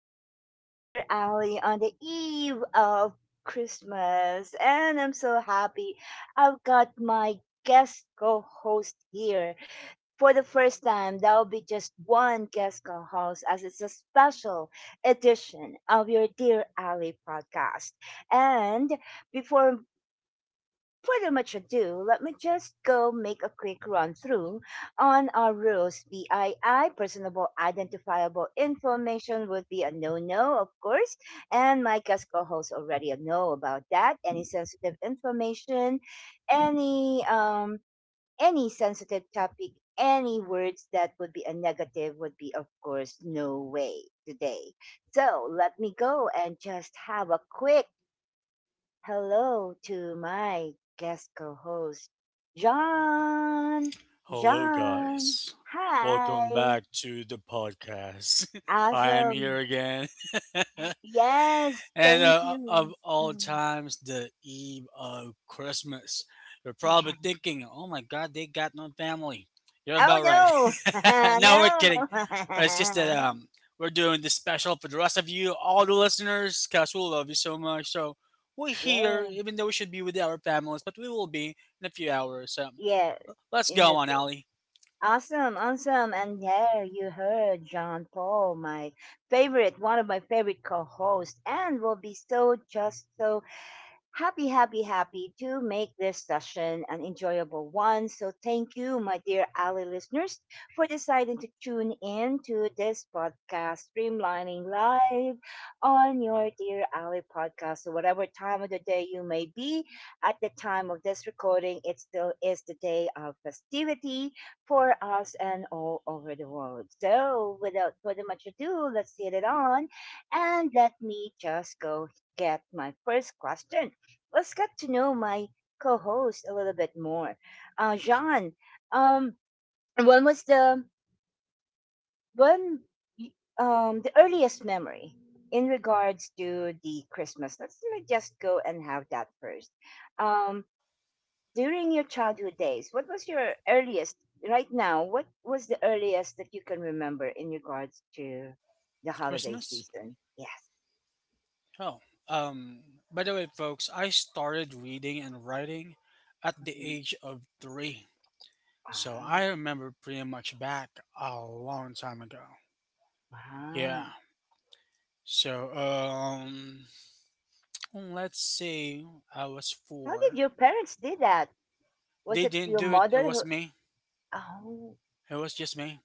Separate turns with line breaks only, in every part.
This is your dear Ally on the eve of Christmas, and I'm so happy. I've got my guest co-host here for the first time. That'll be just one guest co-host, as it's a special edition of your dear Ally podcast. And before pretty much ado, let me just go make a quick run through on our rules. BII, personable identifiable information, would be a no no, of course. And my guest co hosts already know about that. Any sensitive information, any, um, any sensitive topic, any words that would be a negative would be, of course, no way today. So let me go and just have a quick hello to my guest co host, John.
Hello,
John,
guys. Welcome
hi.
back to the podcast. I am here
Awesome.
again.
Yes,
and
thank
uh,
you.
of all
Mm.
times, the eve of Christmas. You're
Yeah.
probably thinking, oh my God, they got no family. You're about right.
Oh,
No, we're kidding.
no.
It's just that
No.
um, We're doing this special for the rest of you, all the listeners, because we love you so much. So we're here,
Yeah.
even though we should be with our families, but we will be in a few hours. So
Yes,
let's
in
go
a
on,
bit.
Ali.
Awesome, awesome. And there you heard John Paul, my favorite, one of my favorite co hosts, and will be so just so happy, happy, happy to make this session an enjoyable one. So, thank you, my dear Ali listeners, for deciding to tune in to this podcast, Streamlining Live, on your dear Ali podcast. So, whatever time of the day you may be, at the time of this recording, it still is the day of festivity for us and all over the world. So, without further much ado, let's get it on and let me just go get my first question let's get to know my co-host a little bit more. John, um, when was the when y- um the earliest memory in regards to the Christmas? Let's let me just go and have that first. Um, During your childhood days, what was your earliest? Right now, what was the earliest that you can remember in regards to the holiday
Christmas?
season? Yes.
Oh. Um by the way, folks, I started reading and writing at the
Mhm.
age of 3. So
Wow.
I remember pretty much back a long time ago. Yeah.
Wow.
So, let's say I was
How did
4.
your parents do that? Was
They
it
didn't
your
do it. It
mother
was
who
me.
Oh,
It was just me.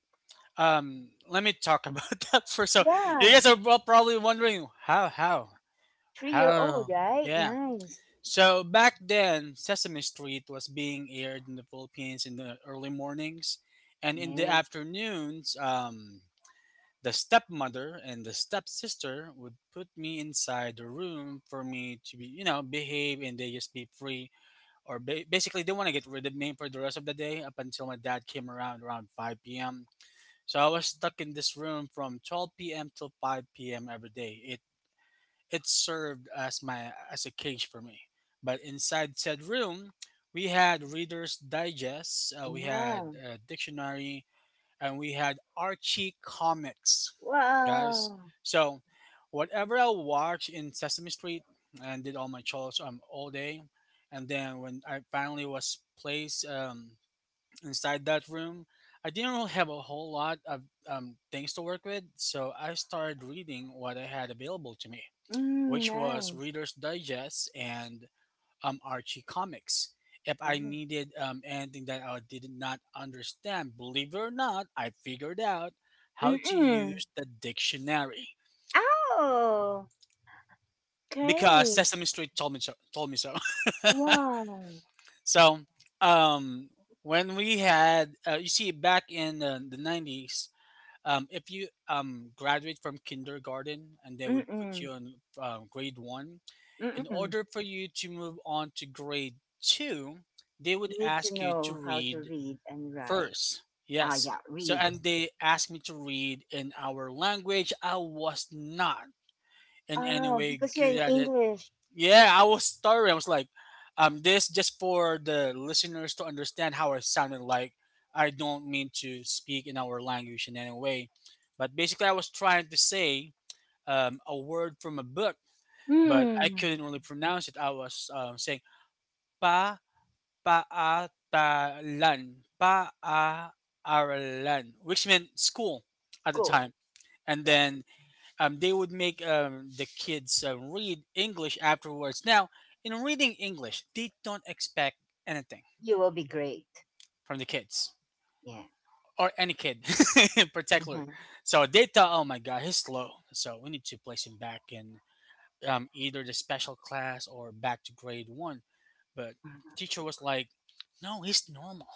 Let me talk about that first. So you
yeah.
guys are probably wondering how how
Three-year-old,
how
right?
Yeah.
Nice.
So back then, Sesame Street was being aired in the Philippines in the early mornings, and in the
Yes.
afternoons, the stepmother and the stepsister would put me inside the room for me to be, you know, behave and they just be free. Or basically, they want to get rid of me for the rest of the day up until my dad came around 5 p.m. So I was stuck in this room from 12 p.m. till 5 p.m. every day. It served as my as a cage for me. But inside said room, we had Reader's Digest, we had
Wow.
a dictionary, and we had Archie comics, guys.
Wow.
So whatever I watched in Sesame Street and did all my chores all day, and then when I finally was placed inside that room, I didn't really have a whole lot of things to work with, so I started reading what I had available to me,
Mm,
which was
nice.
Reader's Digest and Archie Comics. If I
Nice.
needed anything that I did not understand, believe it or not, I figured out how to
Mm-mm.
use the dictionary
Oh,
because
great.
Sesame Street told me so. Told me so.
Wow.
so, um, when we had, you see, back in the 90s, if you graduate from kindergarten and they would put
Mm-mm.
you in grade one in
Mm-mm.
order for you to move on to grade two, they would
You need to
ask you to
know how to
read
read and write.
first.
Ah,
Yes.
yeah,
So,
read.
and they asked me to read in our language. I was not in any
Oh,
way
because you're
good
in
at it.
English.
Yeah, I was stuttering. I was like, this just for the listeners to understand how I sounded like. I don't mean to speak in our language in any way. But basically, I was trying to say a word from a book, but I
Hmm.
couldn't really pronounce it. I was saying Pa-paatalan, pa-a-aralan, which meant school at the
School.
time. And
Yeah.
then they would make the kids read English afterwards. Now, in reading English, they don't expect anything
You will be great.
from the kids
Yeah.
or any kid in particular. So they thought, oh my God, he's slow. So we need to place him back in, either the special class or back to grade one. But the teacher was like, no, he's normal.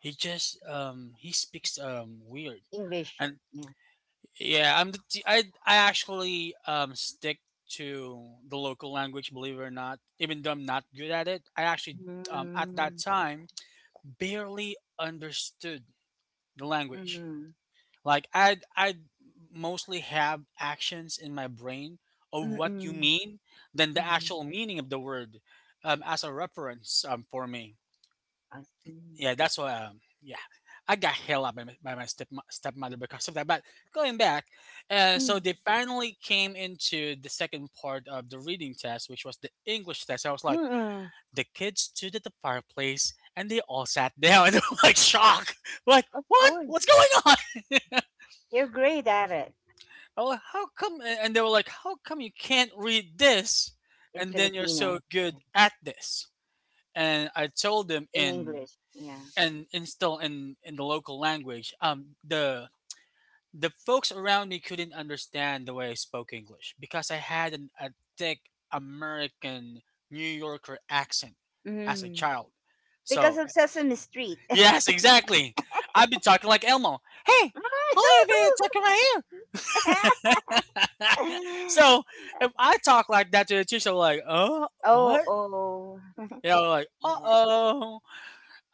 He just he speaks weird.
English.
And
Yeah.
yeah, I actually stick to the local language, believe it or not. Even though I'm not good at it, I actually at that
Mm-hmm.
time barely understood the language.
Mm-hmm.
Like I mostly have actions in my brain of what you
Mm,
mean than the
mm,
actual meaning of the word as a reference for me.
I see.
Yeah, that's why. Yeah, I got held up by my step stepmother because of that. But going back, so
Mm,
they finally came into the second part of the reading test, which was the English test. I was like,
mm,
the kids stood at the fireplace and they all sat down, and they were like shocked, like
of
what?
course.
What's going on?
You're great at it
Oh, how come? And they were like, how come you can't read this?
in
And then you're
Filipino,
so good
yeah.
at this. And I told them
In
in
English. Yeah.
and install in the local language. The folks around me couldn't understand the way I spoke english because I had a thick american new yorker accent as a
Mm.
child. So
Because of Sesame Street.
yes, exactly, I'd be talking like elmo, hey, I'll be talking right here. So if I talk like that to the teacher, like, oh,
Oh,
what?
oh.
You know, like, uh
Yeah.
oh,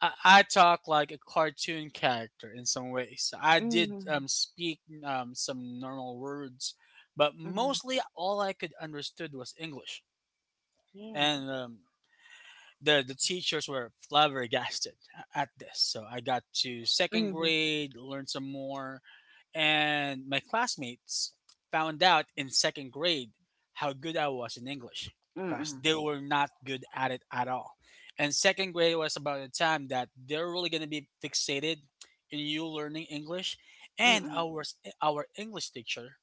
I talk like a cartoon character in some ways. I did
Mm,
speak some normal words, but
mm,
mostly all I could understood was English,
yes.
and the teachers were flabbergasted at this. So I got to second
Mm,
grade, learned some more, and my classmates found out in second grade how good I was in English because
mm,
they were not good at it at all. And second grade was about the time that they're really going to be fixated in you learning English. And
mm.
our English teacher,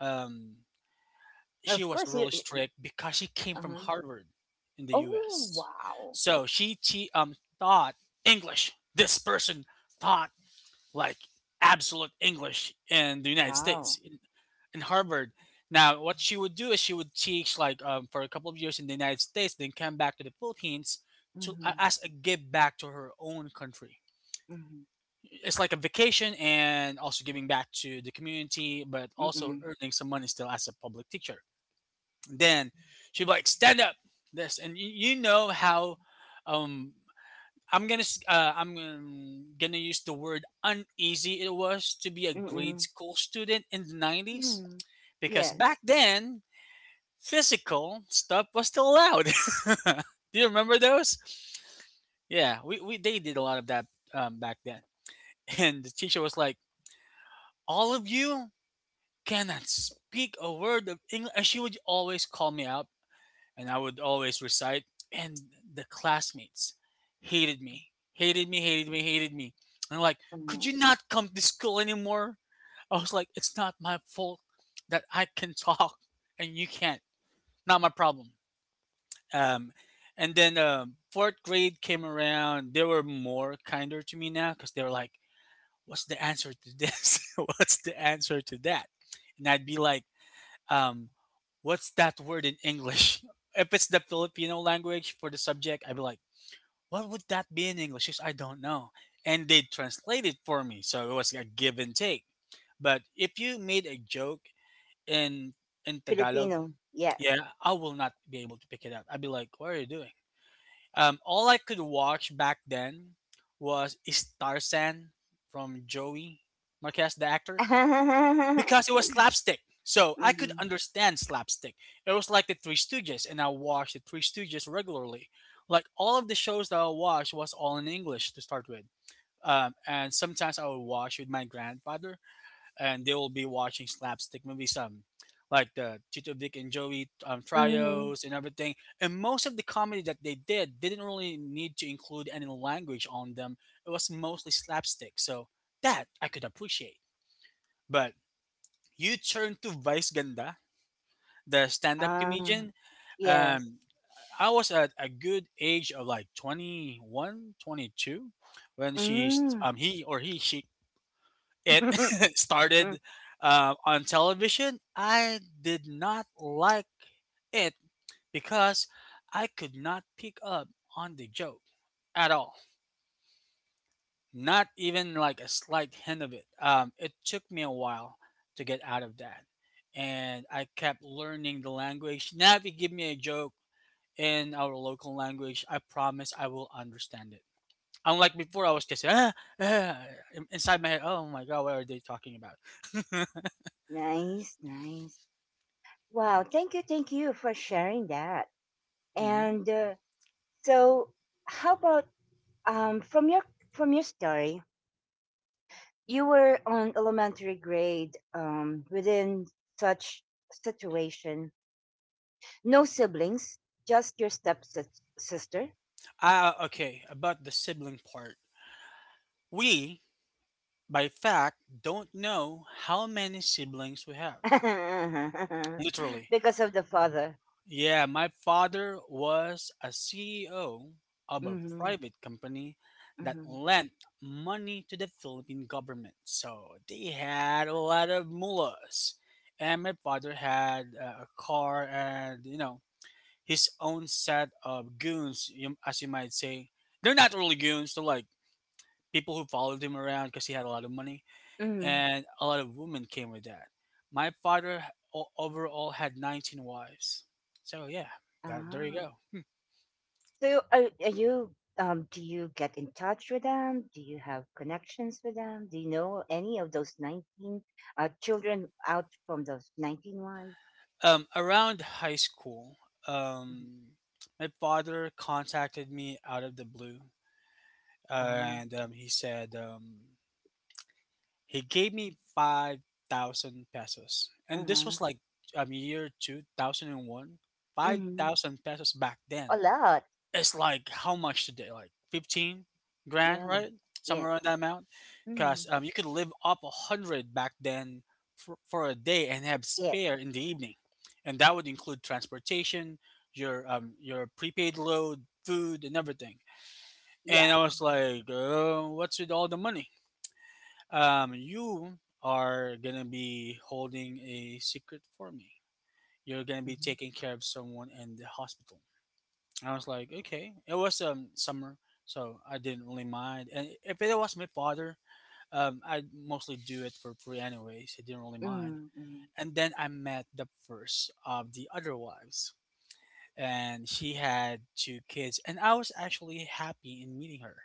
um, she
Of
was
course, you.
really
You-
strict because she came from
Uh-huh.
Harvard in the
Oh,
U.S.
wow.
So she taught English. This person taught like absolute English in the United
Wow.
States in Harvard. Now, what she would do is she would teach like for a couple of years in the United States, then come back to the Philippines to
Mm-hmm,
as a give back to her own country.
mm-hmm,
It's like a vacation and also giving back to the community, but also
mm-mm,
earning some money still as a public teacher. Then she'd be like, "Stand up, this," and you know how um, I'm gonna use the word uneasy it was to be a
mm-mm,
grade
mm.
school student in the 90s
Mm.
because
Yes.
back then physical stuff was still allowed. Do you remember those? Yeah, we they did a lot of that back then. And the teacher was like, "All of you cannot speak a word of English." And she would always call me out and I would always recite. And the classmates hated me, hated me, hated me, hated me. And like, could
Mm.
you not come to school anymore? I was like, it's not my fault that I can talk and you can't. Not my problem. Um, and then fourth grade came around. They were more kinder to me now because they were like, what's the answer to this? What's the answer to that? And I'd be like, um, what's that word in English? If it's the Filipino language for the subject, I'd be like, what would that be in English? She's, I don't know. And they translate it for me. So it was a give and take. But if you made a joke in in Tagalog,
Filipino, yes.
yeah, I will not be able to pick it up. I'd be like, what are you doing? All I could watch back then was Starsan from Joey Marquez, the actor, because it was slapstick. So I could
Mhm.
understand slapstick. It was like the Three Stooges, and I watched the Three Stooges regularly. Like all of the shows that I watched was all in English to start with. And sometimes I would watch with my grandfather, and they will be watching slapstick movies, like the Tito Vic and Joey
Mhm.
trios and everything. And most of the comedy that they did didn't really need to include any language on them. It was mostly slapstick, so that I could appreciate. But you turn to Vice Ganda, the stand-up
Ah,
comedian.
yes.
Um, I was at a good age of like 21, 22, when she st-
Mm.
he or he she it
Mm,
started on television. I did not like it because I could not pick up on the joke at all. Not even like a slight hint of it. It took me a while to get out of that. And I kept learning the language. Now, if you give me a joke in our local language, I promise I will understand it. Unlike before, I was just ah, inside my head. Oh my god, what are they talking about?
nice, nice. Wow, thank you for sharing that.
Hmm.
And so, how about um from your from your story, you were on elementary grade within such situation, no siblings, just your step sister.
Okay, about the sibling part. We, by fact, don't know how many siblings we have. Literally.
Because of the father.
Yeah, my father was a CEO of a
Mm-hmm.
private company that
Mm-hmm.
lent money to the Philippine government. So they had a lot of mullahs. And my father had a car and, you know, his own set of goons, you- as you might say. They're not really goons, they're like people who followed him around because he had a lot of money
Mm-hmm.
and a lot of women came with that. My father overall had 19 wives. So yeah, that there you
Ah.
go.
So are you do you get in touch with them? Do you have connections with them? Do you know any of those 19 children out from those 19 wives?
Around high school,
Mhm.
um, my father contacted me out of the blue,
Ah.
and he said he gave me 5,000 pesos, and this
Uh-huh.
was like year 2001. Five
Mm-hmm.
thousand pesos back then,
A lot.
it's like how much today? Like 15 grand,
Yeah.
right?
Yeah.
Somewhere around that amount, because
Mm.
you could live off a hundred back then for a day and have
Yes.
spare in the evening, and that would include transportation, your prepaid load, food, and everything. And
Yeah.
I was like, what's with all the money? You are gonna be holding a secret for me. You're gonna be
Mm-hmm.
taking care of someone in the hospital. I was like, okay. It was summer, so I didn't really mind. And if it was my father, I mostly do it for free anyways. I didn't really mind.
Mm-hmm.
And then I met the first of the other wives, and she had two kids, and I was actually happy in meeting her,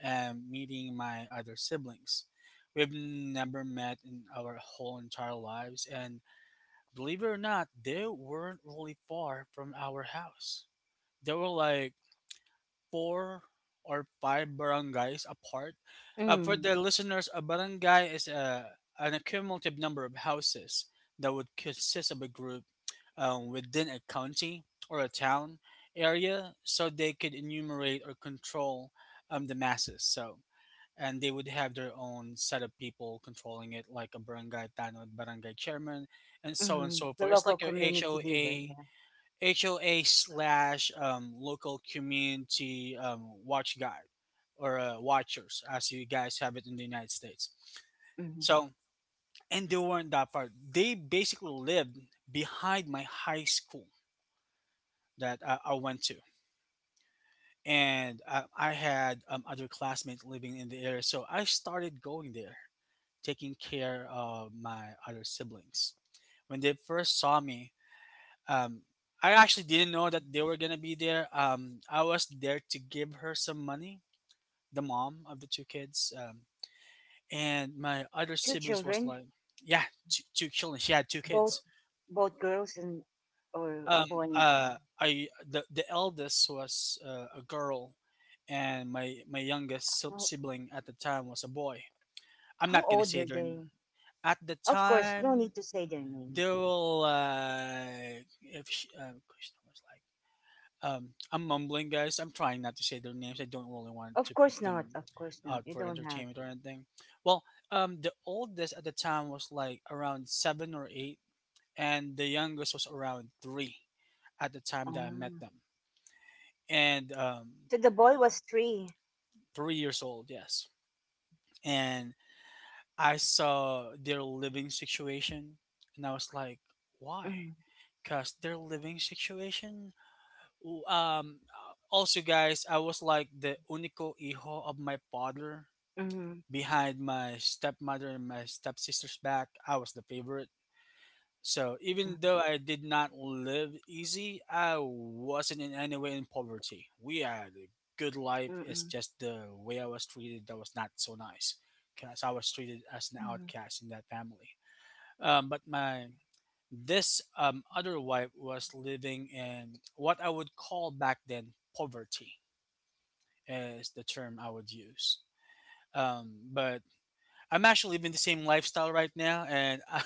and meeting my other siblings. We've never met in our whole entire lives, and believe it or not, they weren't really far from our house. They were like four or five barangays apart. For
Mm-hmm.
the listeners, a barangay is an accumulative number of houses that would consist of a group within a county or a town area, so they could enumerate or control the masses. So, and they would have their own set of people controlling it, like a barangay tanod, barangay chairman, and so on and
Mm-hmm.
so
The
forth. It's
local
like your
community leader.
HOA.
Yeah.
HOA slash local community watch guide or watchers, as you guys have it in the United States.
Hmm.
So, and they weren't that far. They basically lived behind my high school that I went to. And I had other classmates living in the area. So I started going there, taking care of my other siblings. When they first saw me, um I actually didn't know that they were gonna be there. I was there to give her some money, the mom of the two kids, and my other
Two
siblings was
children.
like, yeah, two children. She had two
Both
kids.
both girls and or a
Um,
boy and a girl.
I the eldest was a girl, and my youngest
How,
sibling at the time was a boy. I'm
how
not gonna
old
say
were
their
they?
at the
Of course, no need
time.
to say their names.
They were like, if she, I'm mumbling, guys. I'm trying not to say their names. I don't really want
Of
to put
course not.
them
Of course not.
out
You
for
don't have
entertainment
to.
or anything. Well, the oldest at the time was like around seven or eight, and the youngest was around three at the time that I met
Um,
them. And
so the boy was three.
3 years old, yes. And I saw their living situation, and I was like, why?
Mm,
Because their living situation. Ooh, Um, also, guys, I was like the unico hijo of my father.
mm,
Behind my stepmother and my stepsister's back, I was the favorite. So
mm,
even though I did not live easy, I wasn't in any way in poverty. We had a good life. It's
mm,
just the way I was treated that was not so nice, because I was treated as an
mm,
outcast in that family. But my this other wife was living in what I would call back then poverty, is the term I would use. But I'm actually living the same lifestyle right now, and I'm,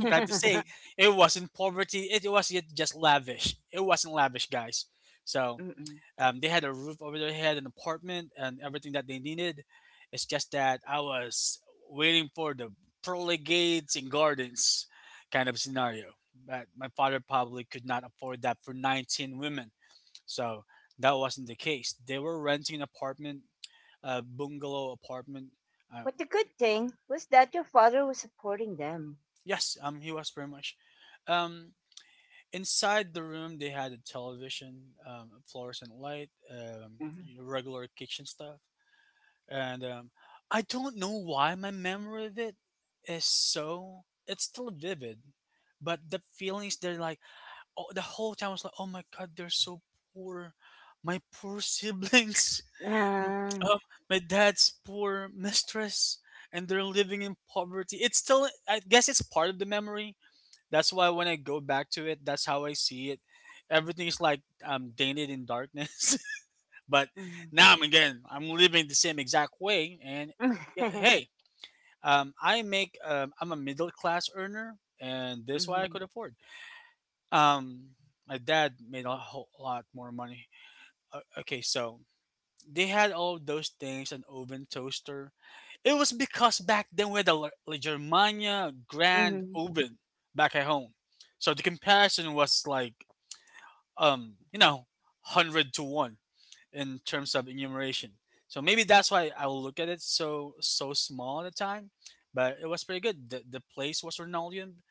I'm glad to say it wasn't poverty. It was yet just lavish. It wasn't lavish, guys. So
Mm-mm.
um, they had a roof over their head, an apartment, and everything that they needed. It's just that I was waiting for the pearly gates and gardens kind of scenario. But my father probably could not afford that for 19 women. So that wasn't the case. They were renting an apartment, a bungalow apartment. Uh,
But the good thing was that your father was supporting them.
yes, he was very much. Um, inside the room, they had a television, fluorescent light,
Mhm.
regular kitchen stuff. And I don't know why my memory of it is so it's still vivid, but the feelings, they're like, oh, the whole time I was like, oh my god, they're so poor, my poor siblings, M-
Ah,
um, my dad's poor mistress, and they're living in poverty. It's still, I guess, it's part of the memory. That's why when I go back to it, that's how I see it. Everything is like tainted in darkness. But
mhm.
now I'm, again, I'm living the same exact way. And yeah, hey, I'm a middle class earner, and that's why I
Mhm,
could afford. Um, my dad made a whole lot more money. Okay, so they had all those things, an oven, toaster. It was because back then we had a Germania Grand
mhm.
Oven back at home. So the comparison was like, um, you know, 100 to 1 in terms of enumeration. So maybe that's why I will look at it so small at the time, but it was pretty good. The place was linoleum,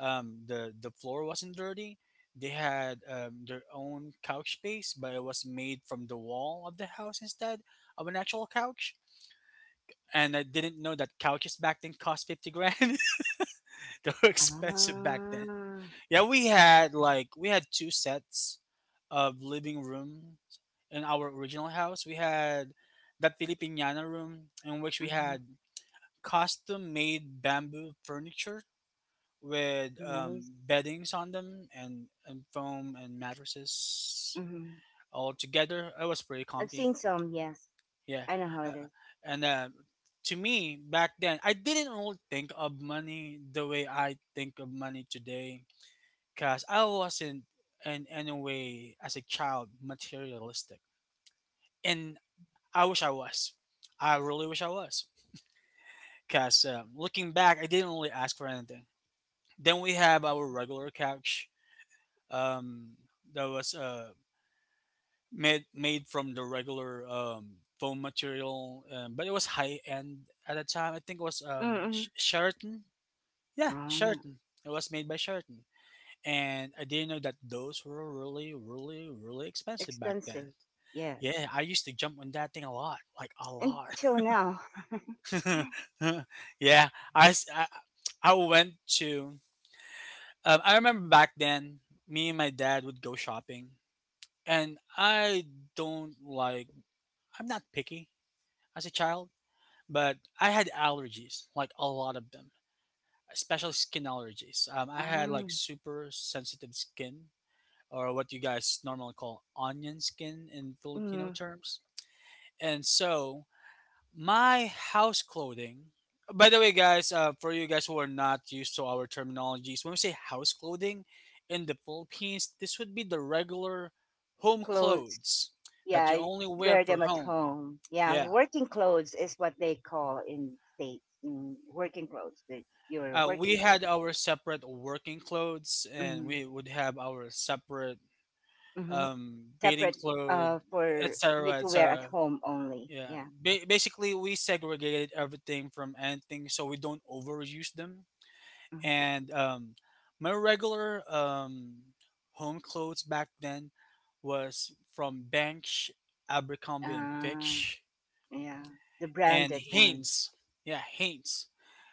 the floor wasn't dirty. They had their own couch space, but it was made from the wall of the house instead of an actual couch. And I didn't know that couches back then cost 50 grand. They were expensive back then.
Ah,
Yeah, we had two sets of living rooms in our original house. We had that Filipiniana room in which we
mhm.
had custom made bamboo furniture with
Nice.
beddings on them, and, foam and mattresses
Mm-hmm.
all together. It was pretty
I've
comfy.
seen some, yes.
Yeah.
I know how it
Uh,
is.
and To me, back then, I didn't really think of money the way I think of money today, because I wasn't in any way as a child materialistic, and I wish I was. I really wish I was. Because looking back, I didn't really ask for anything. Then we have our regular couch, um, that was made from the regular foam material, but it was high end at the time. I think it was
Mm-mm.
Sheraton. Yeah,
Oh,
Sheraton. It was made by Sheraton, and I didn't know that those were really, really, really expensive back then.
expensive, yes.
Yeah, I used to jump on that thing a lot, like a lot.
Until now.
Yeah, I, s- I I went to. I remember back then, me and my dad would go shopping, and I don't like. I'm not picky as a child, but I had allergies, like a lot of them, especially skin allergies. I had like
Um,
super sensitive skin, or what you guys normally call onion skin in Filipino
mm,
terms, and so my house clothing. By the way, guys, for you guys who are not used to our terminologies, when we say house clothing in the Philippines, this would be the regular home
clothes,
clothes
yeah,
that you
I
only wear
wear
for
them at
home.
home. Yeah,
Yeah.
working clothes is what they call in States. Mm, working clothes, that your
Uh,
working
we
clothes.
had our separate working clothes, and
Mm,
we would have our separate
mm-hmm.
bathing
Separate
clothes,
for you
etc.,
to wear at
etc.
home only.
Yeah.
Yeah.
Basically, we segregated everything from anything so we don't overuse them.
Mm-hmm.
And my regular home clothes back then was from Bench, Abercrombie and
Uh,
Fitch,
yeah, the
and
branded ones.
Hanes. Yeah, Hanes.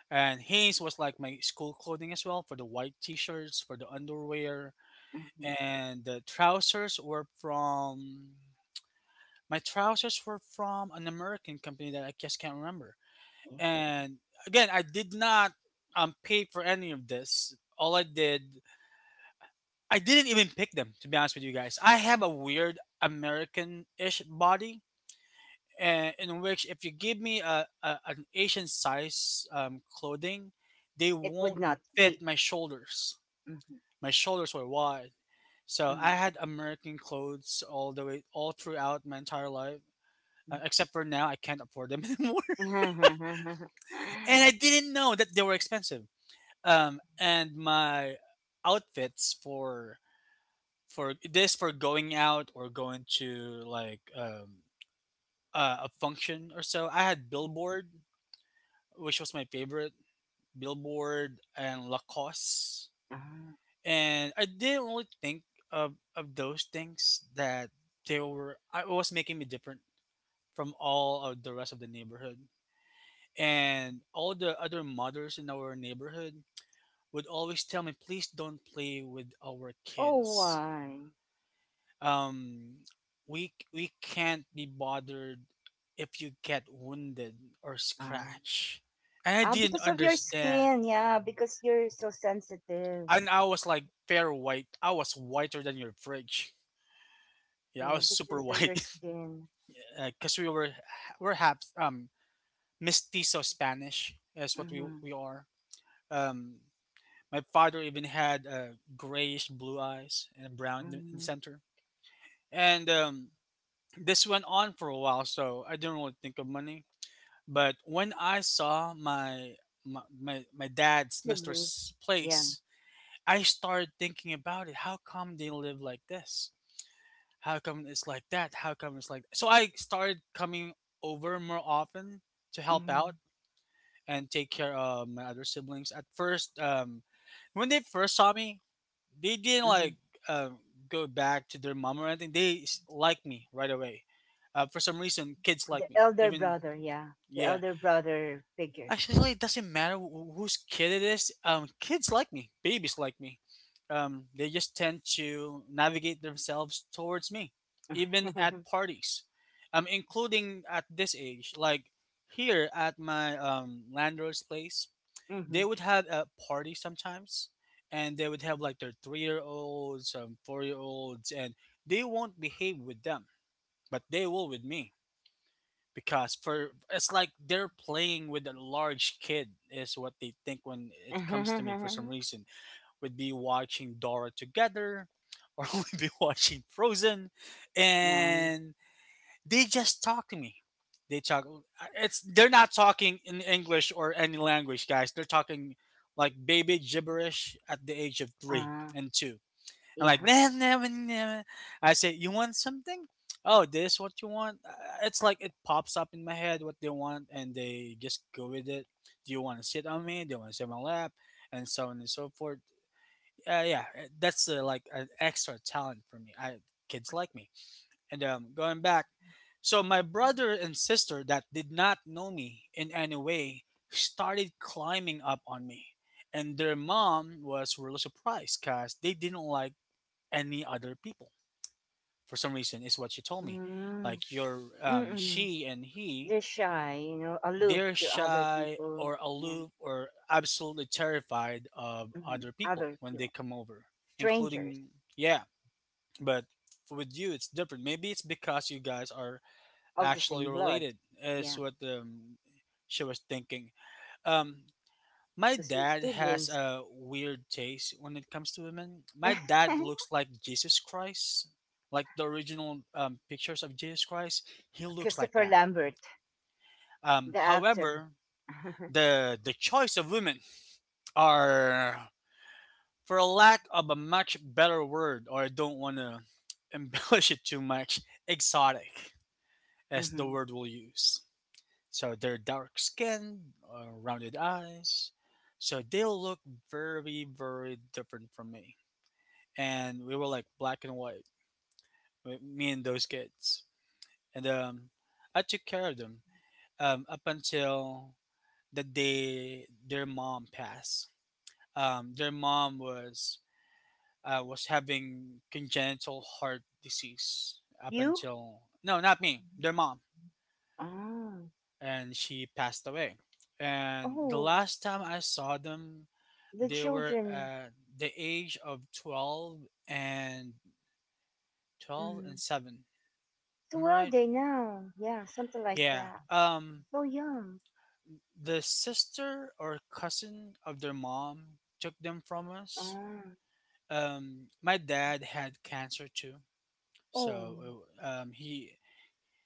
And Hanes was like my school clothing as well for the white t-shirts, for the underwear,
Mm-hmm.
and the trousers were from my trousers were from an American company that I just can't remember.
Yeah.
And again, I did not pay for any of this. All I did, I didn't even pick them, to be honest with you guys. I have a weird American-ish body, and in which if you give me a an Asian size clothing, they
It
won't
would not
fit
fit.
my shoulders.
Mm-hmm.
My shoulders were wide, so I
Mm-hmm.
had American clothes all the way all throughout my entire life, except for now I can't afford them anymore, and I didn't know that they were expensive. And my outfits for this for going out or going to a function or so. I had Billboard, which was my favorite. Billboard and Lacoste,
Ah,
and I didn't really think of those things that they were. I it was making me different from all of the rest of the neighborhood, and all the other mothers in our neighborhood would always tell me, "Please don't play with our
oh,
kids."
why?
um we can't be bothered if you get wounded or
Ah,
scratch, and I
ah,
didn't
because of your
understand.
skin. Yeah, because you're so sensitive.
And I was like, fair white. I was whiter than your fridge. Yeah, I
Yeah,
was super
because of your
white.
skin.
Because we're half mestizo spanish is what we
Mm-hmm,
we are. Um my father even had grayish blue eyes and brown in the
mm-hmm.
center. And this went on for a while, so I didn't really think of money. But when I saw my dad's
Siblings.
Mister's
Yeah.
place, I started thinking about it. How come they live like this? How come it's like that? How come it's like so? I started coming over more often to help
Mm-hmm,
out and take care of my other siblings. At first, when they first saw me, they didn't
mm-hmm.
like um, go back to their mom or anything. They liked me right away. For some reason, kids like
The
me.
elder
Even
brother. Yeah, the
yeah,
elder brother figure.
actually, it doesn't matter whose kid it is. Kids like me, babies like me. They just tend to navigate themselves towards me, even at parties. Including at this age, like here at my landlord's place,
Mm-hmm.
they would have a party sometimes, and they would have like their three-year-olds, four-year-olds, and they won't behave with them, but they will with me because for it's like they're playing with a large kid is what they think when it comes to me for some reason would be watching Dora together or would be watching Frozen
Nice.
and they just talk to me they talk it's they're not talking in English or any language guys they're talking like baby gibberish at the age of 3
Uh,
and 2 I'm
yeah.
like, "Nah, nah, nah, nah." I say, you want something? Oh, this what you want? It's like it pops up in my head what they want, and they just go with it. Do you want to sit on me? Do you want to sit on my lap? And so on and so forth. Yeah, that's like an extra talent for me. I kids like me. And going back, so my brother and sister that did not know me in any way started climbing up on me, and their mom was really surprised because they didn't like any other people for some reason is what she told me
Mm-hmm.
like your
Mm-mm.
she and he.
They're shy, you know, aloof
They're
to other
shy
people.
or
Yeah.
aloof or absolutely terrified of
Mhm.
other people
Other
when they
heroes,
come over
strangers
including yeah but with you it's different maybe it's because you guys are
of the
actually
same blood.
related is
Yeah,
what she was thinking. Um, my
because your
dad has
siblings.
a weird taste when it comes to women. My dad looks like Jesus Christ, like the original pictures of Jesus Christ. He looks like
Christopher
that.
Lambert, the actor.
However, the choice of women are, for a lack of a much better word, or I don't want to embellish it too much, exotic as the
Hmm.
word we'll use. So they're dark skinned, rounded eyes. So they look very, very different from me and we were like black and white, me and those kids. And I took care of them up until the day their mom passed. Their mom was having congenital heart disease up
You?
until no, not me, their mom,
Oh,
and she passed away. And the
oh,
last time I saw them,
the
they were
children.
at the age of 12 and 12 and
Mm.
seven.
So
Am I
where are
right?
they now? Yeah, something like
Yeah.
that. So young.
The sister or cousin of their mom took them from us.
Ah.
Um, my dad had cancer too.
Oh.
So he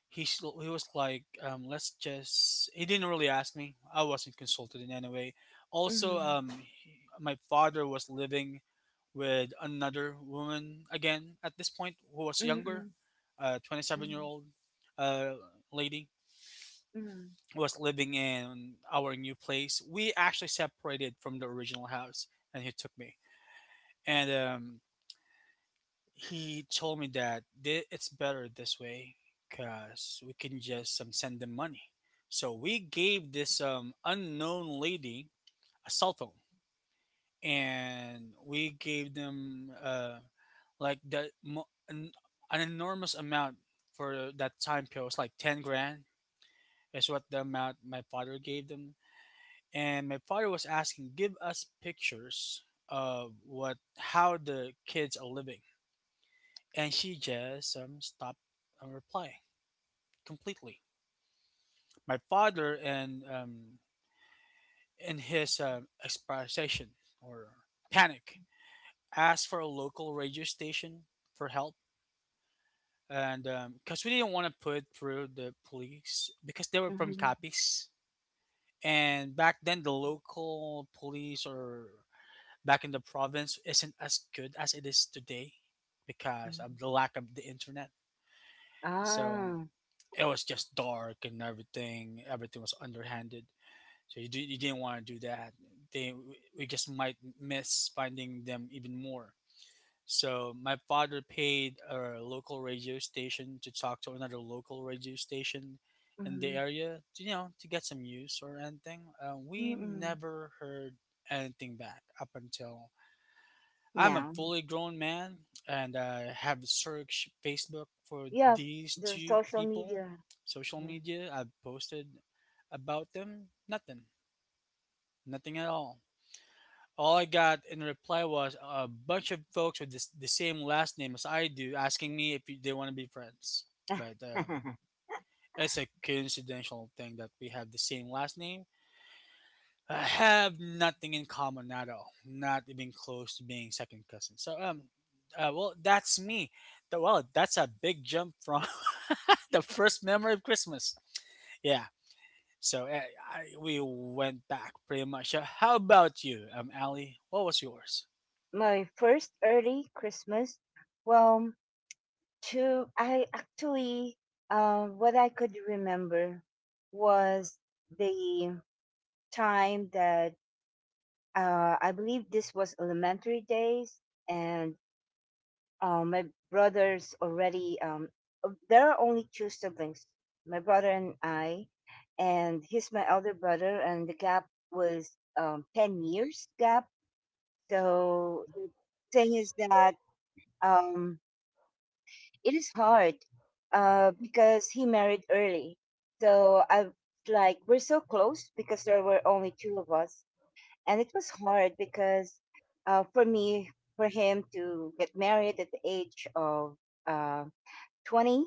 he was like let's just he didn't really ask me. I wasn't consulted in any way. Also
Mm.
he, my father was living with another woman again at this point who was younger,
Mm-mm.
27 year
Mm.
old uh lady
Mm.
was living in our new place. We actually separated from the original house, and he took me. And he told me that it's better this way because we can just send them money. So we gave this unknown lady a cell phone, and we gave them like an enormous amount for that time period. It was like 10 grand. Is what the amount my father gave them, and my father was asking, "Give us pictures of what how the kids are living," and she just stopped replying completely. My father and in his expression or panic asked for a local radio station for help, and because we didn't want to put through the police because they were from
Mm-hmm.
Capiz, and back then the local police or back in the province isn't as good as it is today because of the
Mm-hmm.
lack of the internet. So
Ah.
it was just dark and everything. Everything was underhanded. So you, do, you didn't want to do that. They we just might miss finding them even more. So my father paid a local radio station to talk to another local radio station in the
Mm.
area, to, you know, to get some use or anything. We
Mm-mm.
never heard anything back up until I'm a
Now.
fully grown man, and I have searched Facebook for
Yeah,
these
the
two
social
people,
media.
social
Yeah.
media. I've posted about them. Nothing. Nothing at all. All I got in reply was a bunch of folks with this, the same last name as I do asking me if they want to be friends. But it's a coincidental thing that we have the same last name. I have nothing in common at all. Not even close to being second cousin. So well, that's me. Well, that's a big jump from the first memory of Christmas. Yeah. So I, we went back pretty much. How about you, Ali? What was yours?
My first early Christmas. Well, to I actually, what I could remember was the time that I believe this was elementary days, and my brothers already. There are only two siblings, my brother and I, and he's my elder brother, and the gap was 10 years gap. So the thing is that um, it is hard because he married early. So I was like we're so close because there were only two of us, and it was hard because for me for him to get married at the age of uh, 20.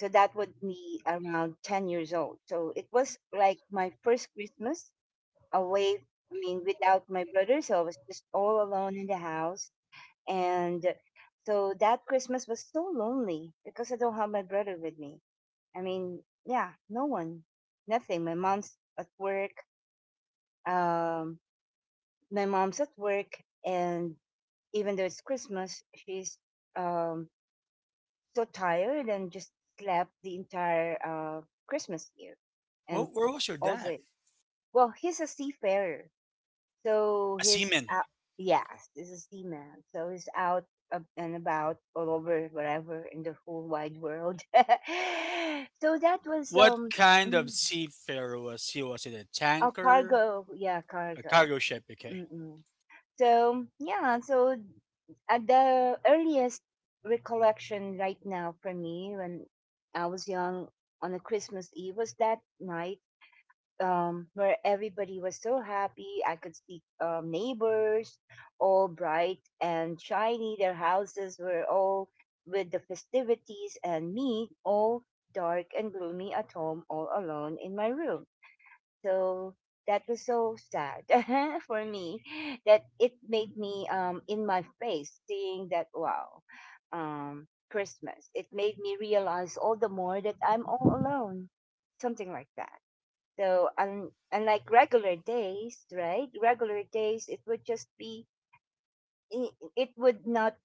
So that would be around 10 years old. So it was like my first Christmas away. I mean, without my brother, so I was just all alone in the house. And so that Christmas was so lonely because I don't have my brother with me. I mean, yeah, no one, nothing. My mom's at work. Um, my mom's at work, and even though it's Christmas, she's um, so tired and just slept the entire Christmas year and
Well, where was your dad?
always. Well, he's a seafarer, so
A
he's
seaman.
out. Yes, this is the man. So he's out ab- and about all over, wherever in the whole wide world. So that was
What kind of
mm,
seafarer was he? Was it a
oh
tanker,
cargo. Yeah,
a
cargo.
cargo ship? Okay.
Mm-mm. So yeah, so at the earliest recollection right now for me when I was young on a Christmas Eve was that night where everybody was so happy. I could see neighbors, all bright and shiny. Their houses were all with the festivities, and me, all dark and gloomy at home, all alone in my room. So that was so sad for me that it made me in my face seeing that wow, Christmas it made me realize all the more that I'm all alone, something like that. So un unlike regular days, right? Regular days, it would just be it would not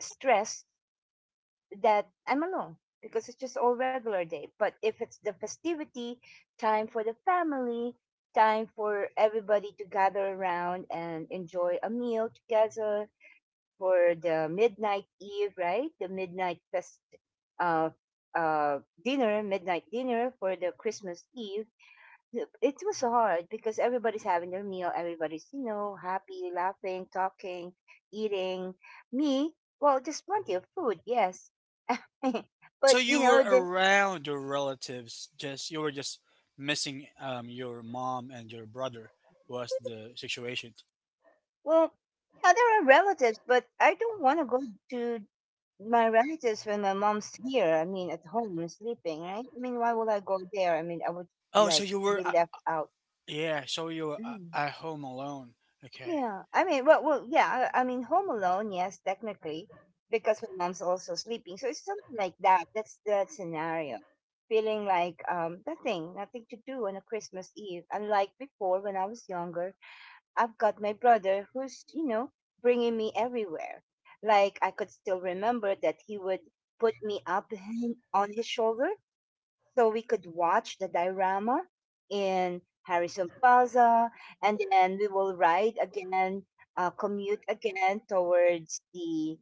stress that I'm alone because it's just all regular day. But if it's the festivity time for the family, time for everybody to gather around and enjoy a meal together for the midnight eve, right? The midnight fest, uh, dinner, midnight dinner for the Christmas Eve. Yep, it was hard because everybody's having their meal, everybody's, you know, happy, laughing, talking, eating. Me, well, just plenty of food, yes.
Oh, so
But, you
you were
know, the,
around your relatives, just you were just missing your mom and your brother was the situation.
well, yeah, there are relatives, but I don't want to go to my relatives when my mom's here. I mean, at home and sleeping, right? I mean, why would I go there? I mean, I would,
Oh, so
like,
you were
be left out.
yeah, so you were
Mm.
at home alone. Okay.
Yeah, I mean, well, well, yeah, I mean, Home Alone, yes, technically, because my mom's also sleeping, so it's something like that. That's that scenario, feeling like nothing, nothing to do on a Christmas Eve. Unlike before, when I was younger, I've got my brother who's you know bringing me everywhere. Like I could still remember that he would put me up on his shoulder so we could watch the diorama in Harrison Plaza, and then we will ride again, commute again towards the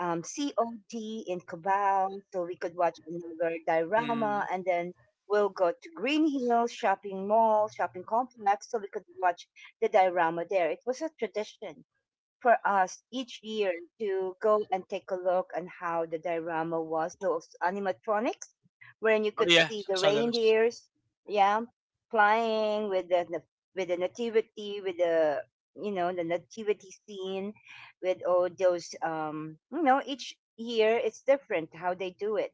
COT in Cabal, so we could watch another diorama,
Mm.
and then we'll go to Green Hills Shopping Mall, shopping complex, so we could watch the diorama there. It was a tradition for us each year to go and take a look on how the diorama was, those animatronics, wherein you
Oh
could
yeah,
see the
saw those.
reindeers, yeah, flying with with the nativity, with the you know the nativity scene, with all those you know each year it's different how they do it,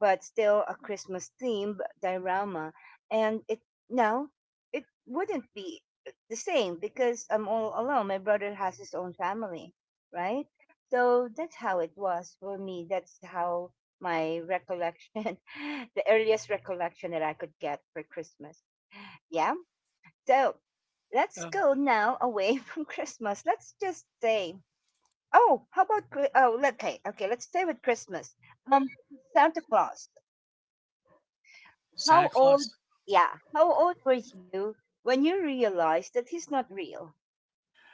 but still a Christmas themed diorama, and it no, it wouldn't be the same because I'm all alone. My brother has his own family, right? So that's how it was for me. That's how my recollection, the earliest recollection that I could get for Christmas. Yeah. So let's
Um,
go now away from Christmas. Let's just say. Oh, how about Chri- oh, okay, okay. Let's stay with Christmas. Um, Santa Claus. How
Santa
old?
Claus.
Yeah, how old were you when you realized that he's not real?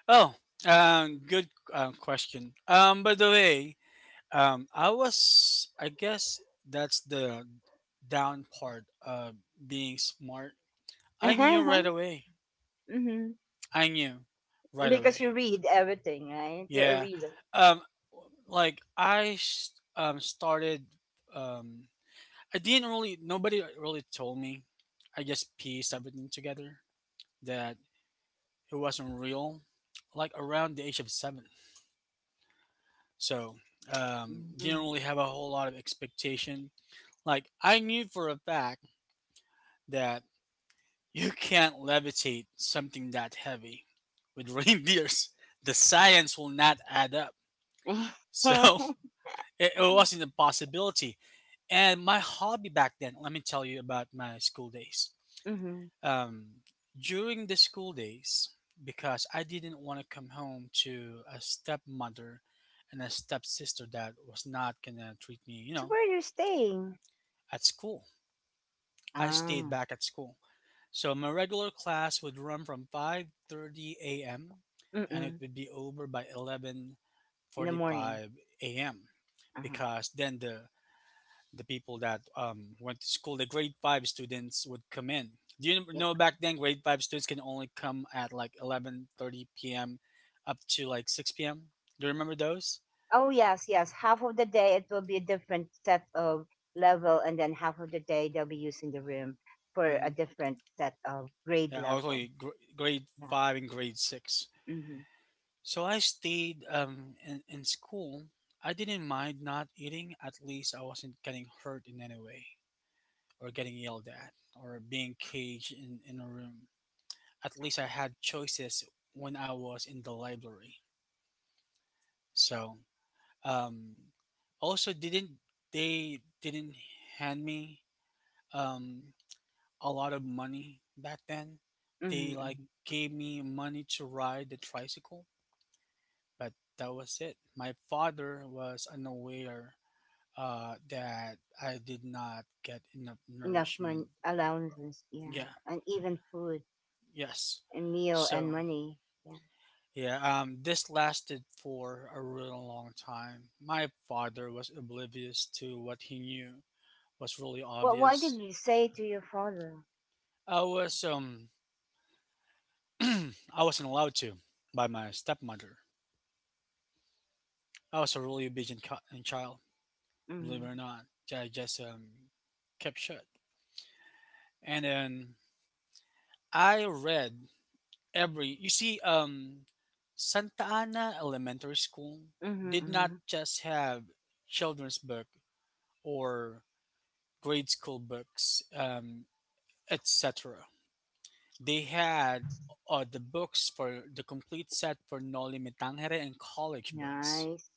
Oh, good question. By the way, I was I guess that's the down part of being smart. I knew right away.
Hmm.
I knew right
Because you
away.
read everything, right? You're a
Yeah.
reader.
Um, like started um I didn't really nobody really told me. I just pieced everything together that it wasn't real like around the age of 7. So, didn't
Mm-hmm.
really have a whole lot of expectation. Like I knew for a fact that you can't levitate something that heavy with reindeers. The science will not add up. So,
Hmm.
it wasn't a possibility. And my hobby back then, let me tell you about my school days. Um, during the school days, because I didn't want to come home to a stepmother and a stepsister that was not going to treat me, you
So
know,
where are you staying?
at school. I stayed
Ah,
back at school. So my regular class would run from 5:30 a.m. and it
mm-mm.
would be over by 11:45
In the morning.
a.m.
Uh-huh.
because then the people that went to school, the grade five students would come in. Do you
Yeah.
know back then grade five students can only come at like 11:30 p.m. up to like 6 p.m. Do you remember those?
Oh yes, yes. Half of the day it will be a different set of level, and then half of the day they'll be using the room for
Hmm.
a different set of grade
Yeah, only
level.
grade
Yeah.
five and grade six.
Mm-hmm.
So I stayed in school. I didn't mind not eating. At least I wasn't getting hurt in any way or getting yelled at or being caged in a room. At least I had choices when I was in the library. So, um, also didn't they didn't hand me um a lot of money back then.
Mm-hmm.
They like
Hmm.
gave me money to ride the tricycle, but that was it. My father was unaware that I did not get enough
Enough
nourishment.
money allowances. Yeah,
Yeah,
and even food
yes.
and meal and
So,
money. Yeah.
yeah, this lasted for a really long time. My father was oblivious to what he knew was really
Well, what did
obvious.
you say to your father?
I was I wasn't allowed to by my stepmother. I was a really obedient and child, believe it
Mm-hmm.
or not. I just kept shut. And then I read every you see Santa Ana Elementary School
Mhm,
did not
mhm.
just have children's book or grade school books etc. They had the books for the complete set for Noli Me Tangere and college books,
Nice.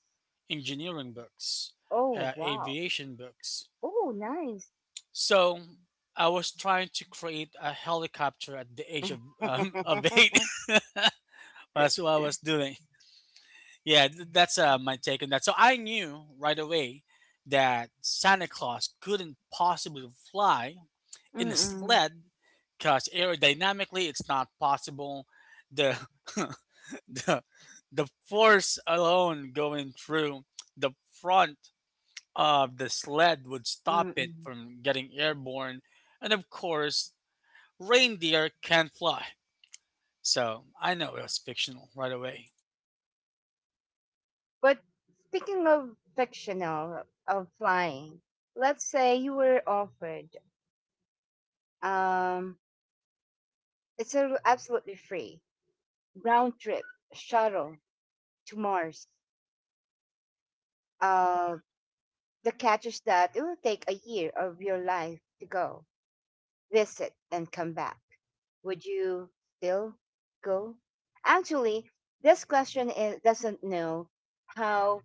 engineering books,
Oh, wow.
aviation books.
Oh, nice.
So I was trying to create a helicopter at the age of of eight. That's what I was doing. Yeah, that's my take on that. So I knew right away that Santa Claus couldn't possibly fly in a
Mm-mm,
sled because aerodynamically it's not possible. The the, the force alone going through the front of the sled would stop it
mm-mm.
from getting airborne. And of course, reindeer can't fly. So I know it was fictional right away.
But speaking of fictional of flying, let's say you were offered um it's absolutely free round trip shuttle to Mars. Uh the catch is that it will take a year of your life to go, visit and come back, would you still go? Actually, this question is, doesn't know how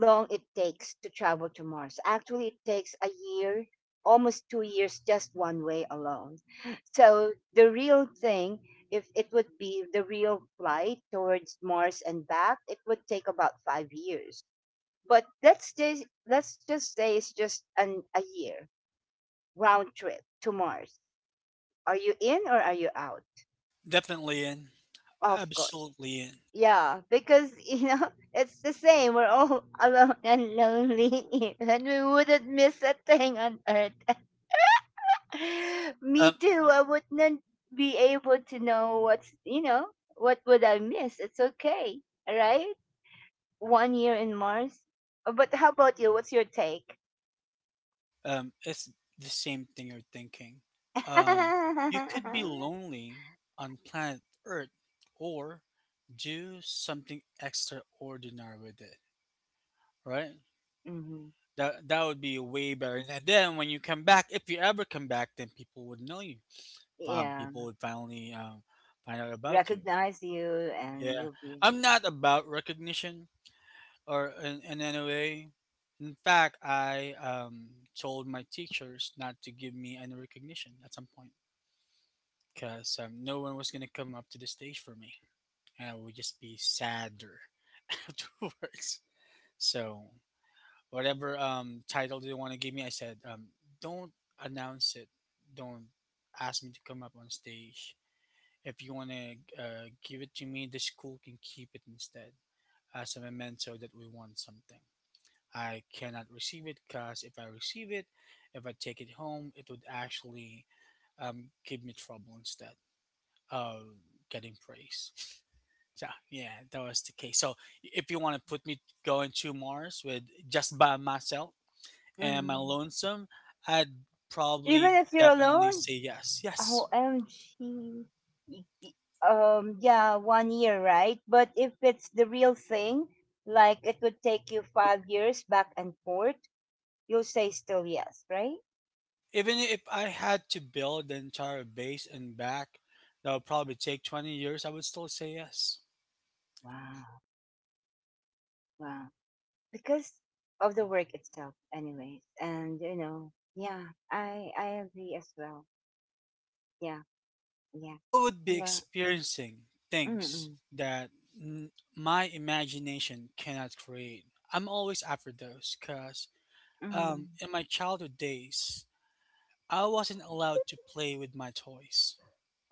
long it takes to travel to Mars. Actually, it takes a year, almost 2 years, just one way alone. So the real thing, if it would be the real flight towards Mars and back, it would take about 5 years. But let's just say it's just a year round trip to Mars. Are you in or are you out?
Definitely in.
Of course.
Absolutely in.
Yeah, because it's the same. We're all alone and lonely, and we wouldn't miss a thing on Earth. Me
Um,
too. I wouldn't be able to know what's what would I miss. It's okay, right? One year in Mars. But how about you? What's your take?
it's the same thing you're thinking. Um, you could be lonely on planet Earth or do something extraordinary with it, right?
Hmm.
That that would be way better. And then when you come back, if you ever come back, then people would know you.
Yeah,
People would finally find out about you.
recognize you, and
Yeah,
you'll be.
I'm not about recognition or in any way. In fact, I told my teachers not to give me any recognition at some point because no one was gonna come up to the stage for me, and I would just be sadder afterwards. So whatever title they want to give me. I said, don't announce it. Don't ask me to come up on stage. If you want to give it to me, the school can keep it instead as a memento that we want something. I cannot receive it because if I receive it, if I take it home, it would actually give me trouble instead of getting praise. So yeah, that was the case. So if you want to put me going to Mars with just by myself, am I
Mhm.
lonesome? I'd probably
Even if you're
definitely
alone,
say yes. Yes.
oh, OMG. Y- y- yeah, one year, right? But if it's the real thing, like it would take you 5 years back and forth, you'll say still yes, right?
Even if I had to build the entire base and back, that would probably take 20 years, I would still say yes.
Wow, wow. Because of the work itself, anyways. And, yeah, I agree as well. Yeah, yeah.
I would be
Yeah.
experiencing things
Mm-mm.
that my imagination cannot create. I'm always after those because
Mm.
in my childhood days, I wasn't allowed to play with my toys.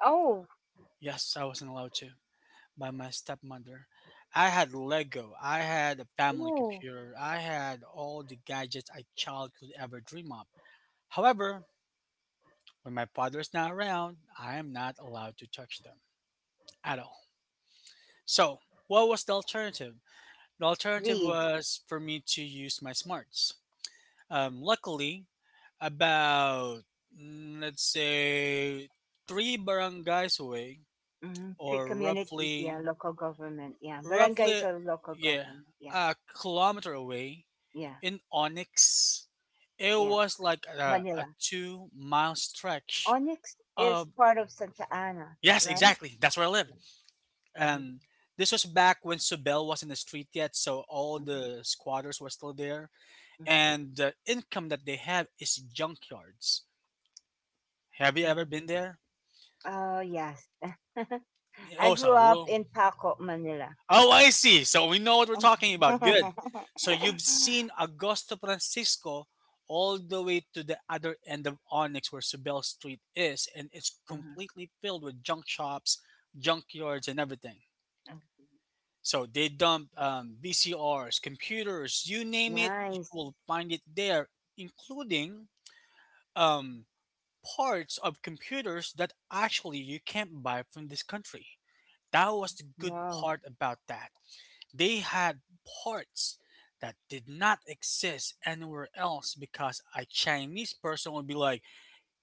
Oh,
Yes, I wasn't allowed to. By my stepmother. I had Lego, I had a family
oh.
computer, I had all the gadgets a child could ever dream of. However, when my father's not around, I am not allowed to touch them at all. So, what was the alternative? The alternative
Read.
was for me to use my smarts. Luckily, about let's say three barangays away,
Mm. Three
or
communities, yeah,
roughly,
local government, yeah. Barangays
roughly,
are local
yeah,
government, yeah.
a kilometer away,
Yeah,
in Onyx, it
yeah.
was like a
Manila.
2 mile stretch
Onyx is
of
part of Santa Ana,
yes,
right?
exactly. That's where I lived, and
Mm-hmm,
this was back when Subel was in the street yet, so all
mm-hmm,
the squatters were still there,
mm-hmm,
and the income that they have is junkyards. Have you ever
hmm.
been there?
Oh, yes. I
Oh, it's a
grew up
real.
in Paco, Manila.
Oh, I see. So we know what we're talking about. Good. So you've seen Augusto Francisco all the way to the other end of Onyx where Subel Street is, and it's
Uh-huh.
completely filled with junk shops, junkyards, and everything. So they dump VCRs, computers, you name it, you
Nice.
will find it there, including um, parts of computers that actually you can't buy from this country. That was the good
Wow.
part about that. They had parts that did not exist anywhere else because a Chinese person would be like,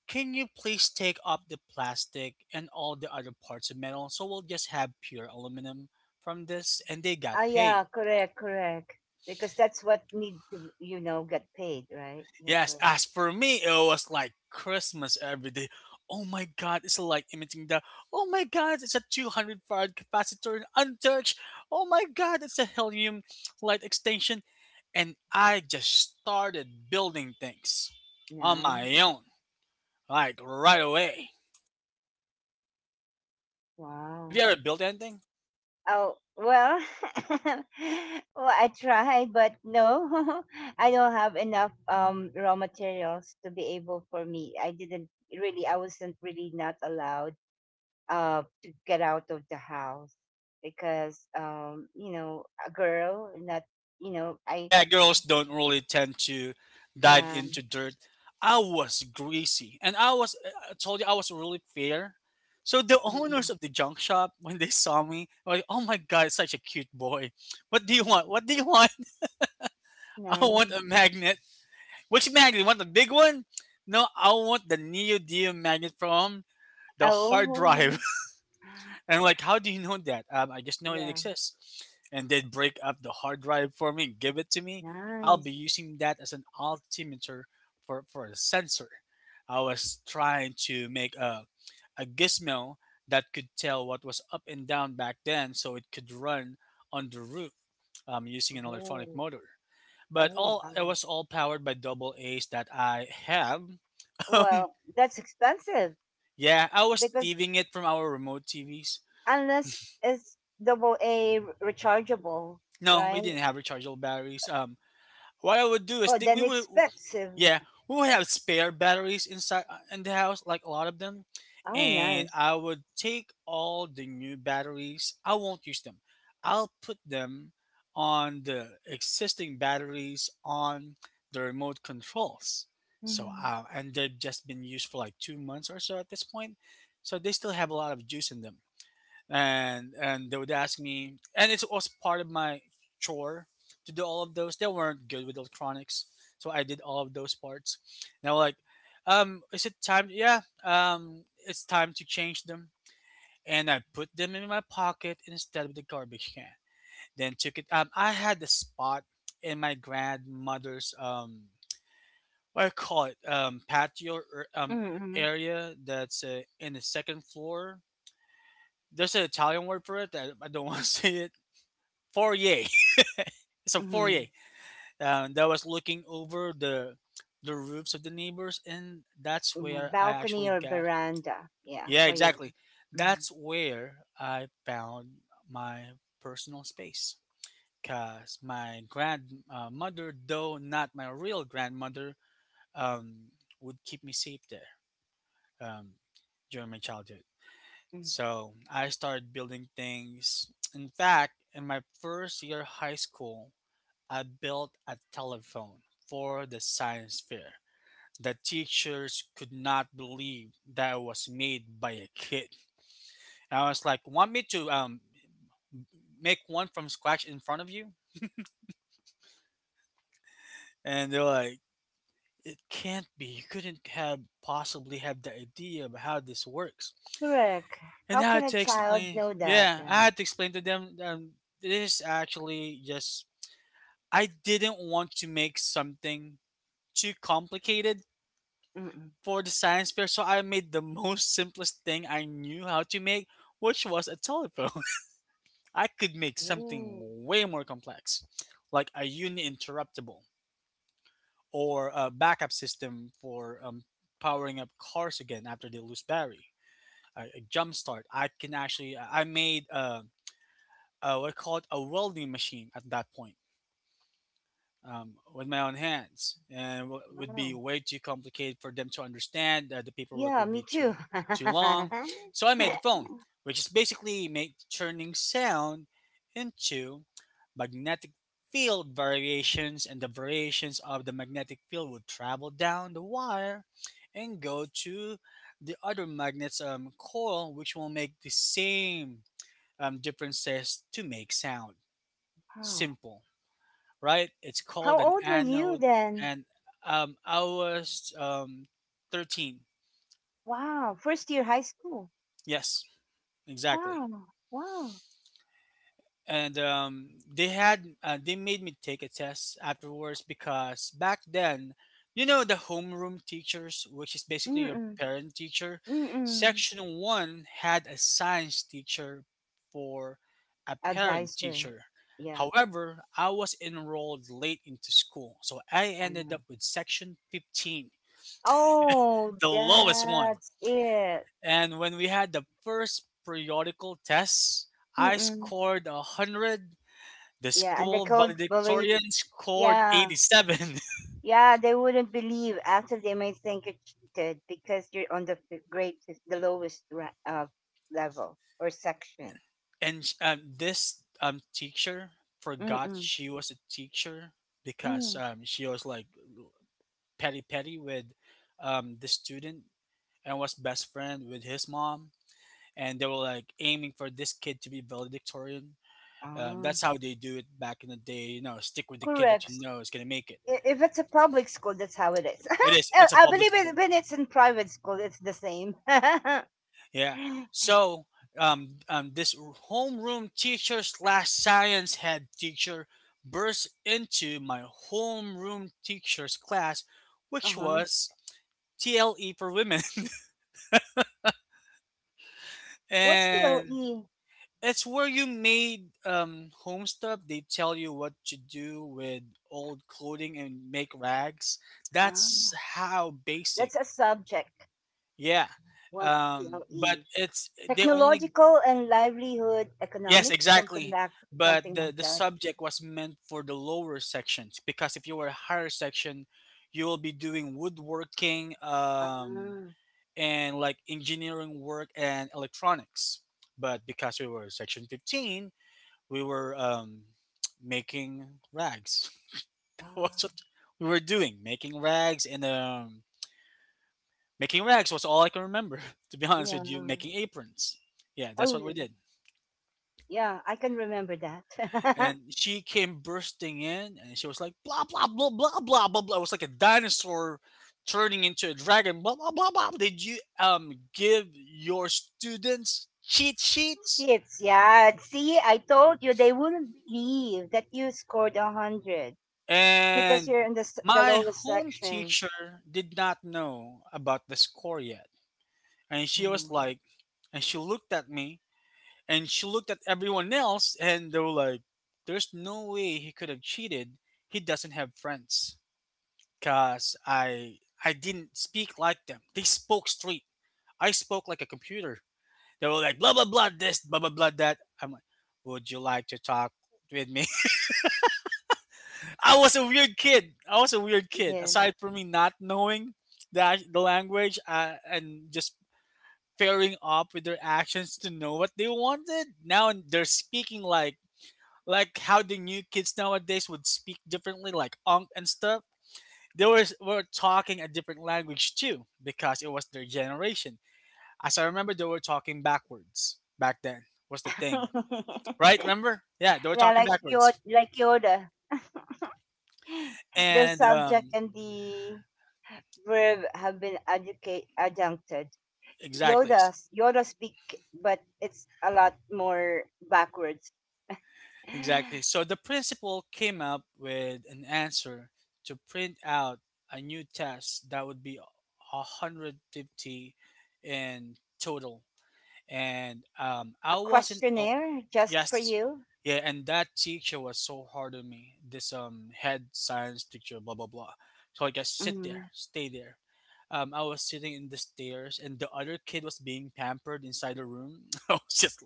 "Can you please take up the plastic and all the other parts of metal? So we'll just have pure aluminum from this." And they
Ah,
got paid.
yeah, correct, correct. Because that's what need to, get paid, right? You're
Yes,
correct.
as for me, it was like Christmas every day. Oh my god, it's like emitting the, oh my god, it's a 200 farad capacitor untouched. Oh my god, it's a helium light extension. And I just started building things on my
Nice.
own, like right away. Have you
Wow.
ever built anything?
Oh, well, well, I try, but no, I don't have enough raw materials to be able for me. I didn't really, I wasn't really not allowed to get out of the house because you know a girl not you know
Oh
I
yeah, girls don't really tend to dive
yeah,
into dirt. I was greasy, and I was I told you I was really fair. So the owners
mm-mm,
of the junk shop, when they saw me, were like, "Oh my god, such a cute boy! What do you
mm,
want? What do you want?" "I want a
nice,
magnet." "Which magnet? You want the big one?" "No, I want the neodymium magnet from the hard drive."
oh
And I'm like, "How do you know that?" "I just know it
yeah,
exists. And then break up the hard drive for me, give it to me. I'll be
nice,
using that as an altimeter for a sensor." I was trying to make a gizmo that could tell what was up and down back then so it could run on the roof using an electronic
oh,
motor. But
oh,
all it
wow.
was all powered by double A's that I have. Um,
Well, that's expensive
yeah, I was
because
thieving it from our remote TVs.
unless it's double A rechargeable,
No, we
right?
didn't have rechargeable batteries. What I would do is
Oh,
we
then
would,
expensive.
yeah, we would have spare batteries inside in the house, like a lot of them,
Oh,
and
nice.
I would take all the new batteries. I won't use them. I'll put them on the existing batteries on the remote controls. So,
Mm-hmm.
and they've just been used for like 2 months or so at this point. So they still have a lot of juice in them, and they would ask me, and it's also part of my chore to do all of those. They weren't good with electronics, so I did all of those parts, and they were like, "Is it time? Yeah, it's time to change them." And I put them in my pocket instead of the garbage can, then took it. I had the spot in my grandmother's what do you call it, patio or
Mm-hmm.
area that's in the second floor. There's an Italian word for it that I don't want to say it. Foyer. So
Mm-hmm.
Fourier, that was looking over the roofs of the neighbors, and that's
In a
where I
balcony
actually
or
got.
veranda. Yeah,
Yeah,
for you.
exactly.
Mm-hmm.
That's where I found my personal space. Cause my grandmother, though not my real grandmother, um, would keep me safe there um, during my childhood.
Mm.
So I started building things. In fact, in my first year of high school, I built a telephone for the science fair. The teachers could not believe that it was made by a kid. And I was like, "Want me to make one from scratch in front of you?" And they're like, "It can't be. You couldn't have possibly have the idea of how this works."
Correct.
And
How
I
can
had
a
to
child
explain.
know that?
Yeah, I
Right?
had to explain to them. This is actually just, I didn't want to make something too complicated
Mm-mm.
for the science fair, so I made the most simplest thing I knew how to make, which was a telephone. I could make something
Oh,
way more complex, like a uni interruptible or a backup system for powering up cars again after they lose battery. A jump start. I can actually. I made what I call it a welding machine at that point. With my own hands, and would be
wow.
way too complicated for them to understand. The paperwork
Yeah,
would
me
be
too.
too too long, so I made the phone, which is basically make turning sound into magnetic field variations, and the variations of the magnetic field would travel down the wire and go to the other magnet's coil, which will make the same differences to make sound.
Wow.
Simple, right? It's
How
called an
old were you
anode.
then?
And I was 13.
Wow, first year high school.
Yes, exactly.
Wow, wow.
And they had they made me take a test afterwards because back then, you know, the homeroom teachers, which is basically your
Mm-mm.
parent teacher,
Mm-mm.
section one had a science teacher for a parent
Advisor.
teacher.
Yeah.
However, I was enrolled late into school, so I ended
Um,
up with section 15,
oh,
the lowest one.
that's it.
And when we had the first periodical tests, I
Mm-mm.
scored 100. The
Yeah, and they
school
can't believe.
valedictorian scored
Yeah,
87.
yeah, they wouldn't believe after they may think you cheated because you're on the grade, the lowest level or section.
This teacher forgot
Mm-mm.
she was a teacher because
Mm.
she was like petty with the student and was best friend with his mom. And they were like aiming for this kid to be valedictorian.
Oh,
That's how they do it back in the day. You know, stick with the kid that
correct.
you know is going to make it.
If it's a public school, that's how it is.
It is.
I
It's a
I
public
believe
school.
it, when it's in private school, it's the same. Uh-huh.
Yeah. So this homeroom teacher slash science head teacher burst into my homeroom teacher's class, which was TLE for women,
What's the
and
LE?
it's where you made home stuff. They tell you what to do with old clothing and make rags. That's how basic.
That's a subject,
Yeah.
one
But
TLE.
it's they only,
Technological and livelihood
yes,
economics, something
exactly.
like
But
something like
the
that.
subject was meant for the lower sections because if you were a higher section, you will be doing woodworking
Ah,
and like engineering work and electronics. But because we were section 15, we were making rags. What's
ah,
what we were doing? Making rags and making rags was all I can remember. To be honest
yeah.
with you, making aprons. Yeah, that's
Oh,
what we
yeah,
did.
yeah, I can remember that.
And she came bursting in and she was like, blah, blah, blah, blah, blah, blah, blah. It was like a dinosaur turning into a dragon, blah, blah, blah, blah. Did you give your students cheat sheets?
Shits, yeah. See, I told you they wouldn't believe that you scored 100 because
And
you're in the the
my
lowest
home
section.
teacher did not know about the score yet. And she was
Mm.
like, and she looked at me and she looked at everyone else and they were like, there's no way he could have cheated. He doesn't have friends. Cause I didn't speak like them. They spoke straight. I spoke like a computer. They were like blah blah blah this blah blah blah that. I'm like, would you like to talk with me? I was a weird kid. I was a weird kid.
Yeah.
Aside from me not knowing the language and just pairing up with their actions to know what they wanted. Now they're speaking like how the new kids nowadays would speak differently, like unk and stuff. They were talking a different language too because it was their generation. As I remember, they were talking backwards back then, was the thing. Right? Remember? Yeah, they were
Yeah,
talking backwards.
like Yoda, the
And
subject
um,
and the verb have been educate adjuncted.
exactly,
Yoda Yoda speak, but it's a lot more backwards. A
exactly. So the principal came up with an answer to print out a new test that would be 150 in total and I wasn't. Oh,
questionnaire just for
yes,
you.
yeah. And that teacher was so hard on me. This head science teacher, blah blah blah. So I just sit there,
Mm.
stay there. I was sitting in the stairs, and the other kid was being pampered inside the room. I was just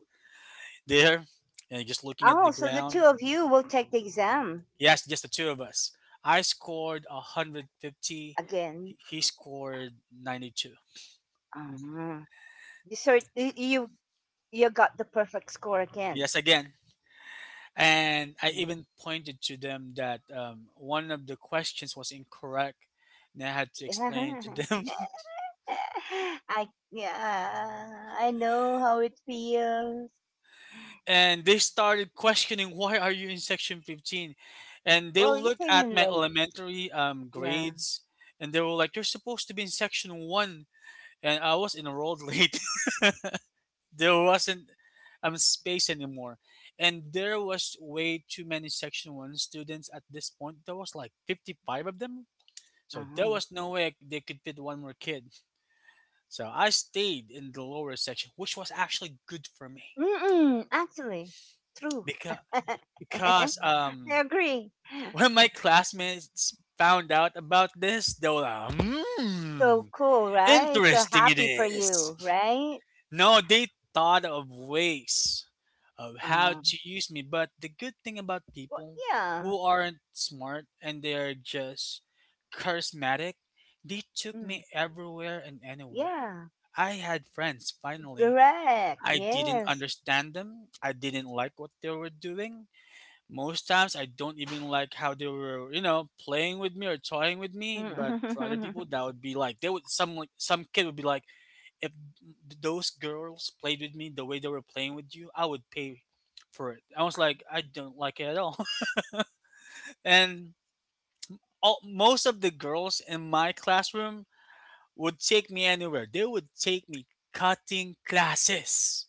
there and just looking at
Oh,
the
so the two
ground.
of you will take the exam
Yes, just the two of us. I scored 150.
again.
He scored 92.
Uh-huh. You sort you got the perfect score again.
Yes, again. And I even pointed to them that one of the questions was incorrect, and I had to explain
Yeah.
it to them.
I yeah, I know how it feels.
And they started questioning, "Why are you in section 15?" And they
Well, you
looked
came
at
in
my
late.
elementary
Yeah.
grades, and they were like, "You're supposed to be in section one," and I was enrolled late. There wasn't space anymore, and there was way too many section one students at this point. There was like 55 of them. So there
Uh-huh.
was no way they could fit one more kid. So I stayed in the lower section, which was actually good for me
Mm-mm, actually, true.
because
I
because um
agree.
when my classmates found out about this, they were like,
So
"Hmm,
cool, right? So
interesting it
happy for
is."
you, right?
No, they thought of ways of how
Um,
to use me. But the good thing about
well,
people
yeah,
who aren't smart and they're just charismatic, they took
mm,
me everywhere and anywhere.
yeah,
I had friends finally.
correct.
I didn't
Yes.
understand them. I didn't like what they were doing. Most times I don't even like how they were, you know, playing with me or toying with me, but for other people that would be like they would some like some kid would be like if those girls played with me the way they were playing with you, I would pay for it. I was like, I don't like it at all. And all, most of the girls in my classroom would take me anywhere. They would take me cutting classes.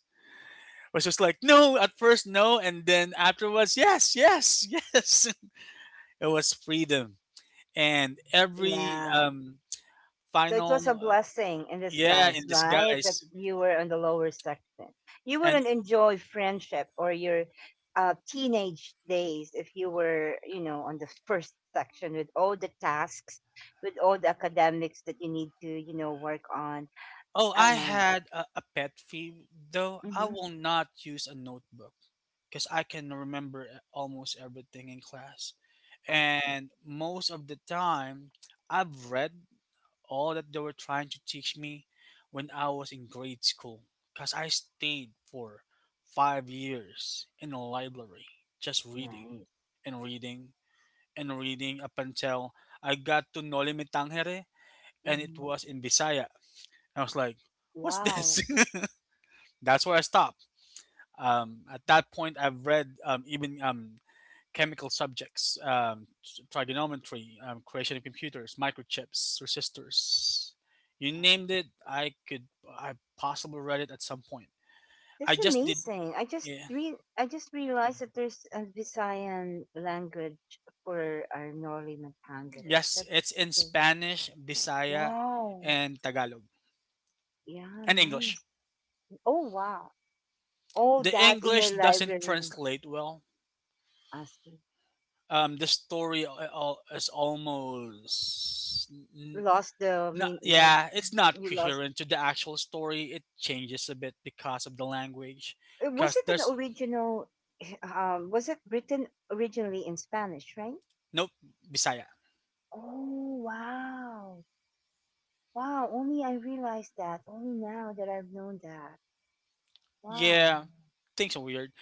I was just like, no, at first, no. And then afterwards, yes, yes, yes. It was freedom. And every
Yeah.
um,
So it was a
final, uh,
blessing in
yeah,
disguise,
in
right? That
disguise.
you were on the lower section. You
And
wouldn't enjoy friendship or your teenage days if you were, on the first section with all the tasks, with all the academics that you need to, work on.
oh, I
Um,
had a pet peeve though. I
mhm.
will not use a notebook because I can remember almost everything in class.
I see.
And most of the time, I've read all that they were trying to teach me when I was in grade school because I stayed for 5 years in a library just reading
Nice.
and reading and reading up until I got to Noli Me Tangere, and it
Hmm.
was in Bisaya. I was like, what's
Wow.
this? That's where I stopped. At that point, I've read even chemical subjects, trigonometry, creation of computers, microchips, resistors. You
Yeah.
named it, I possibly read it at some point. I
That's
just did,
amazing.
yeah.
I just realized that there's a Visayan language for our Norli Matangere.
Yes,
That's
it's in
the
Spanish, Bisaya,
wow.
and Tagalog,
Yeah,
and English.
nice. Oh, wow. All
The
that in
English
your
doesn't
library,
translate well.
Asi.
The story is almost
Lost the
no,
mean no,
yeah, it's not
you lost.
coherent to the actual story. It changes a bit because of the language.
Was
Cause
it an
there's
original was it written originally in Spanish, right?
Nope, Bisaya.
Oh, wow. Wow, only I realized that. Only now that I've known that. Wow.
Yeah, things are weird.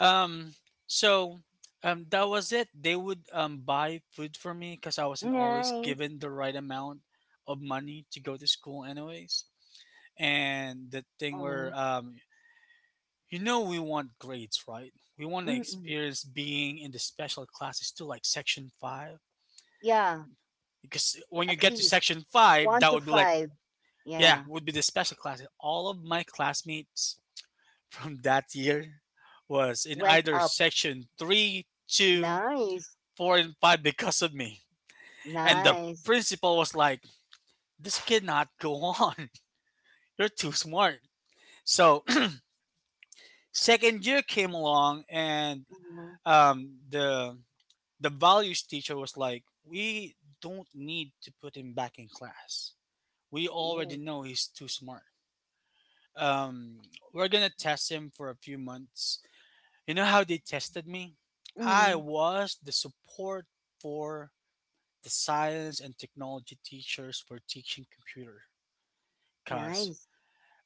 Um, so that was it. They would buy food for me because I wasn't always
Nice.
given the right amount of money to go to school, anyways. And the thing
Oh.
where you know, we want grades, right? We want to
Mm-mm.
experience being in the special classes too, like section five
Yeah,
because when you
at
get to
least
section five,
one
that
to
would be like,
five. Yeah,
yeah, would be the special class. All of my classmates from that year was in
went
either
up.
section three, two,
Nice.
four, and five because of me. And the
Nice.
principal was like, this cannot go on. You're too smart. So second year came along, and
Mhm.
um, the the values teacher was like, we don't need to put him back in class. We
Mm.
already know he's too smart. Um, we're gonna test him for a few months. You know how they tested me? I
Mm.
was the support for the science and technology teachers for teaching computer. Cause
Nice.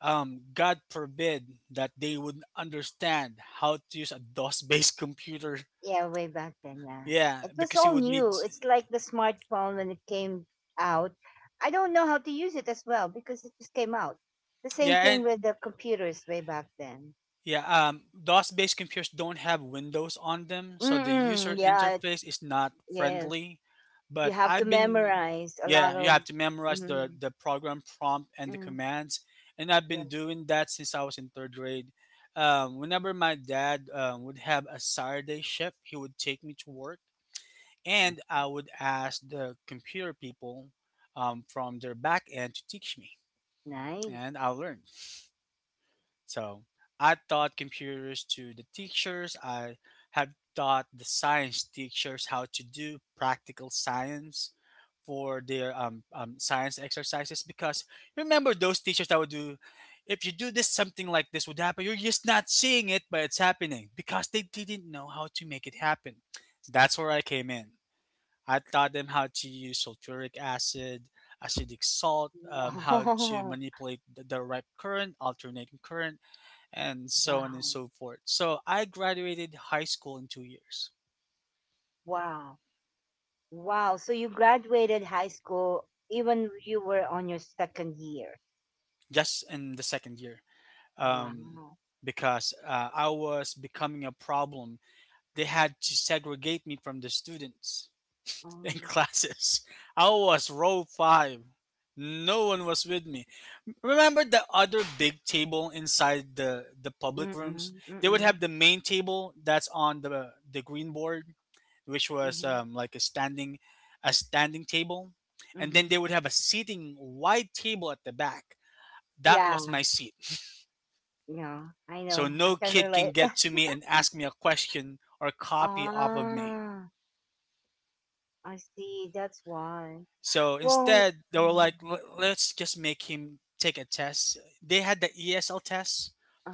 God forbid that they would understand how to use a DOS-based computer.
Yeah, way back then. Yeah,
Yeah,
it was
because you
all
would need.
new. It's like the smartphone when it came out. I don't know how to use it as well because it just came out. The same
Yeah,
thing
and
with the computers way back then.
Yeah, DOS-based computers don't have windows on them, so the user
Mm-mm. Yeah.
interface is not
Yes.
friendly.
You
But
have to
I've been,
memorize a lot
yeah, you
of.
have to memorize the
Mm-hmm.
the program prompt and the
Yeah.
commands, and I've
Yeah,
been doing that since I was in third grade. Whenever my dad would have a Saturday shift, he would take me to work, and I would ask the computer people from their back end to teach me,
nice.
and I learned. So I taught computers to the teachers. I have taught the science teachers how to do practical science for their science exercises because remember those teachers that would do if you do this something like this would happen, you're just not seeing it but it's happening because they didn't know how to make it happen. That's where I came in. I taught them how to use sulfuric acid, acidic salt, how to
Wow.
manipulate the direct current alternating current and so on and
Wow.
so forth. So I graduated high school in 2 years,
Wow. Wow. So you graduated high school even you were on your second year.
just in the second year, um,
Wow.
because I was becoming a problem. They had to segregate me from the students in
Oh.
classes. I was row five. No one was with me. Remember the other big table inside the public rooms?
Mm-mm.
They would
Mm-mm.
have the main table that's on the green board, which was
Mm-hmm.
like a standing table, and then
Mm-hmm.
they would have a seating wide table at the back. That was
Yeah.
my seat.
Yeah. I
So
know. I
no
can
kid can
relate.
get to me and ask me a question or copy off of me.
Ah, I see. That's why.
So
Well,
instead, they were
mm,
like, Let's just make him take a test. They had the ESL test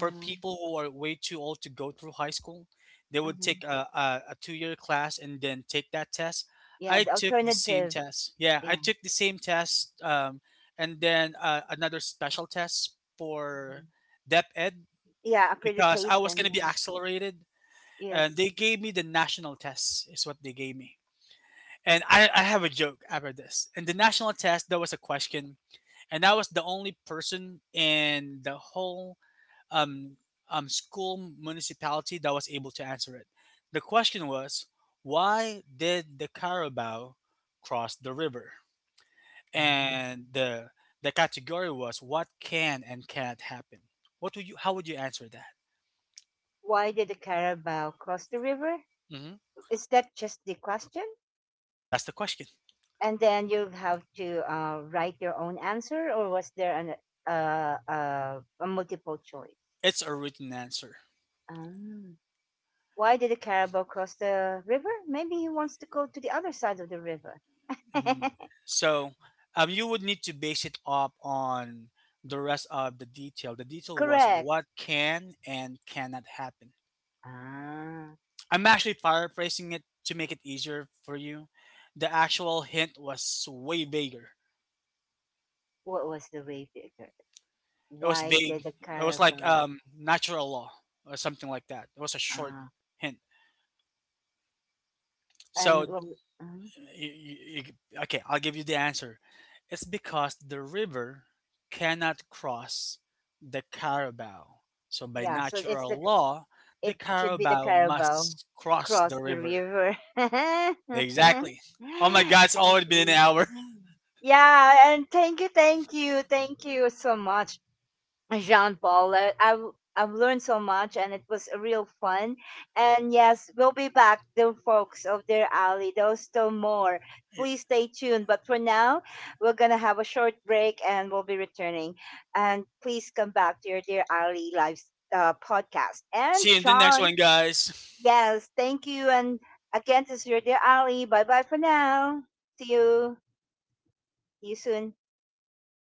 for people who are way too old to go through high school. They would
hmm,
take a 2 year class and then take that test. I
yeah, the
took the same
alternative.
test. Yeah, I
Yeah.
took the same test and then another special test for Dep Ed
Yeah,
because I was going
accreditation.
to be
Yeah.
accelerated. And
Yes.
they gave me the national test, is what they gave me. And I have a joke after this. In the national test, there was a question, and I was the only person in the whole um, school municipality that was able to answer it. The question was, why did the Carabao cross the river?
Ah.
And the category was what can and cannot happen. What would you? How would you answer that?
Why did the Carabao cross the river?
Hmm.
Is that just the question?
That's the question.
And then you'll have to write your own answer, or was there a multiple choice?
It's a written answer.
Um, why did the Carabao cross the river? Maybe he wants to go to the other side of the river.
Mhm. So you would need to base it up on the rest of the detail. The detail was
Correct.
what can and cannot happen.
Ah,
I'm actually paraphrasing it to make it easier for you. The actual hint was way bigger.
what was the way bigger?
It was
Why did
big.
the
It was like
Carabao?
natural law or something like that. It was a short
Ah,
hint.
and
So
well, uh,
you, you, okay, I'll give you the answer. It's because the river cannot cross the Carabao. So by
yeah.
natural law, the
It should be the
Carabao
Carabao.
must cross the
Cross the
river.
river. I
Exactly. Oh my God, it's already been an
see.
hour.
Yeah, and thank you, thank you, thank you so much, Jean Paul. I've learned so much, and it was a real fun. And yes, we'll be back, the folks of their alley. There's still more. Please stay tuned. But for now, we're gonna have a short break, and we'll be returning. And please come back to your dear alley live podcast. And
See you in the next
John,
one, guys.
yes, thank you. And again, this is your dear Ali. Bye bye for now. See you. See you soon.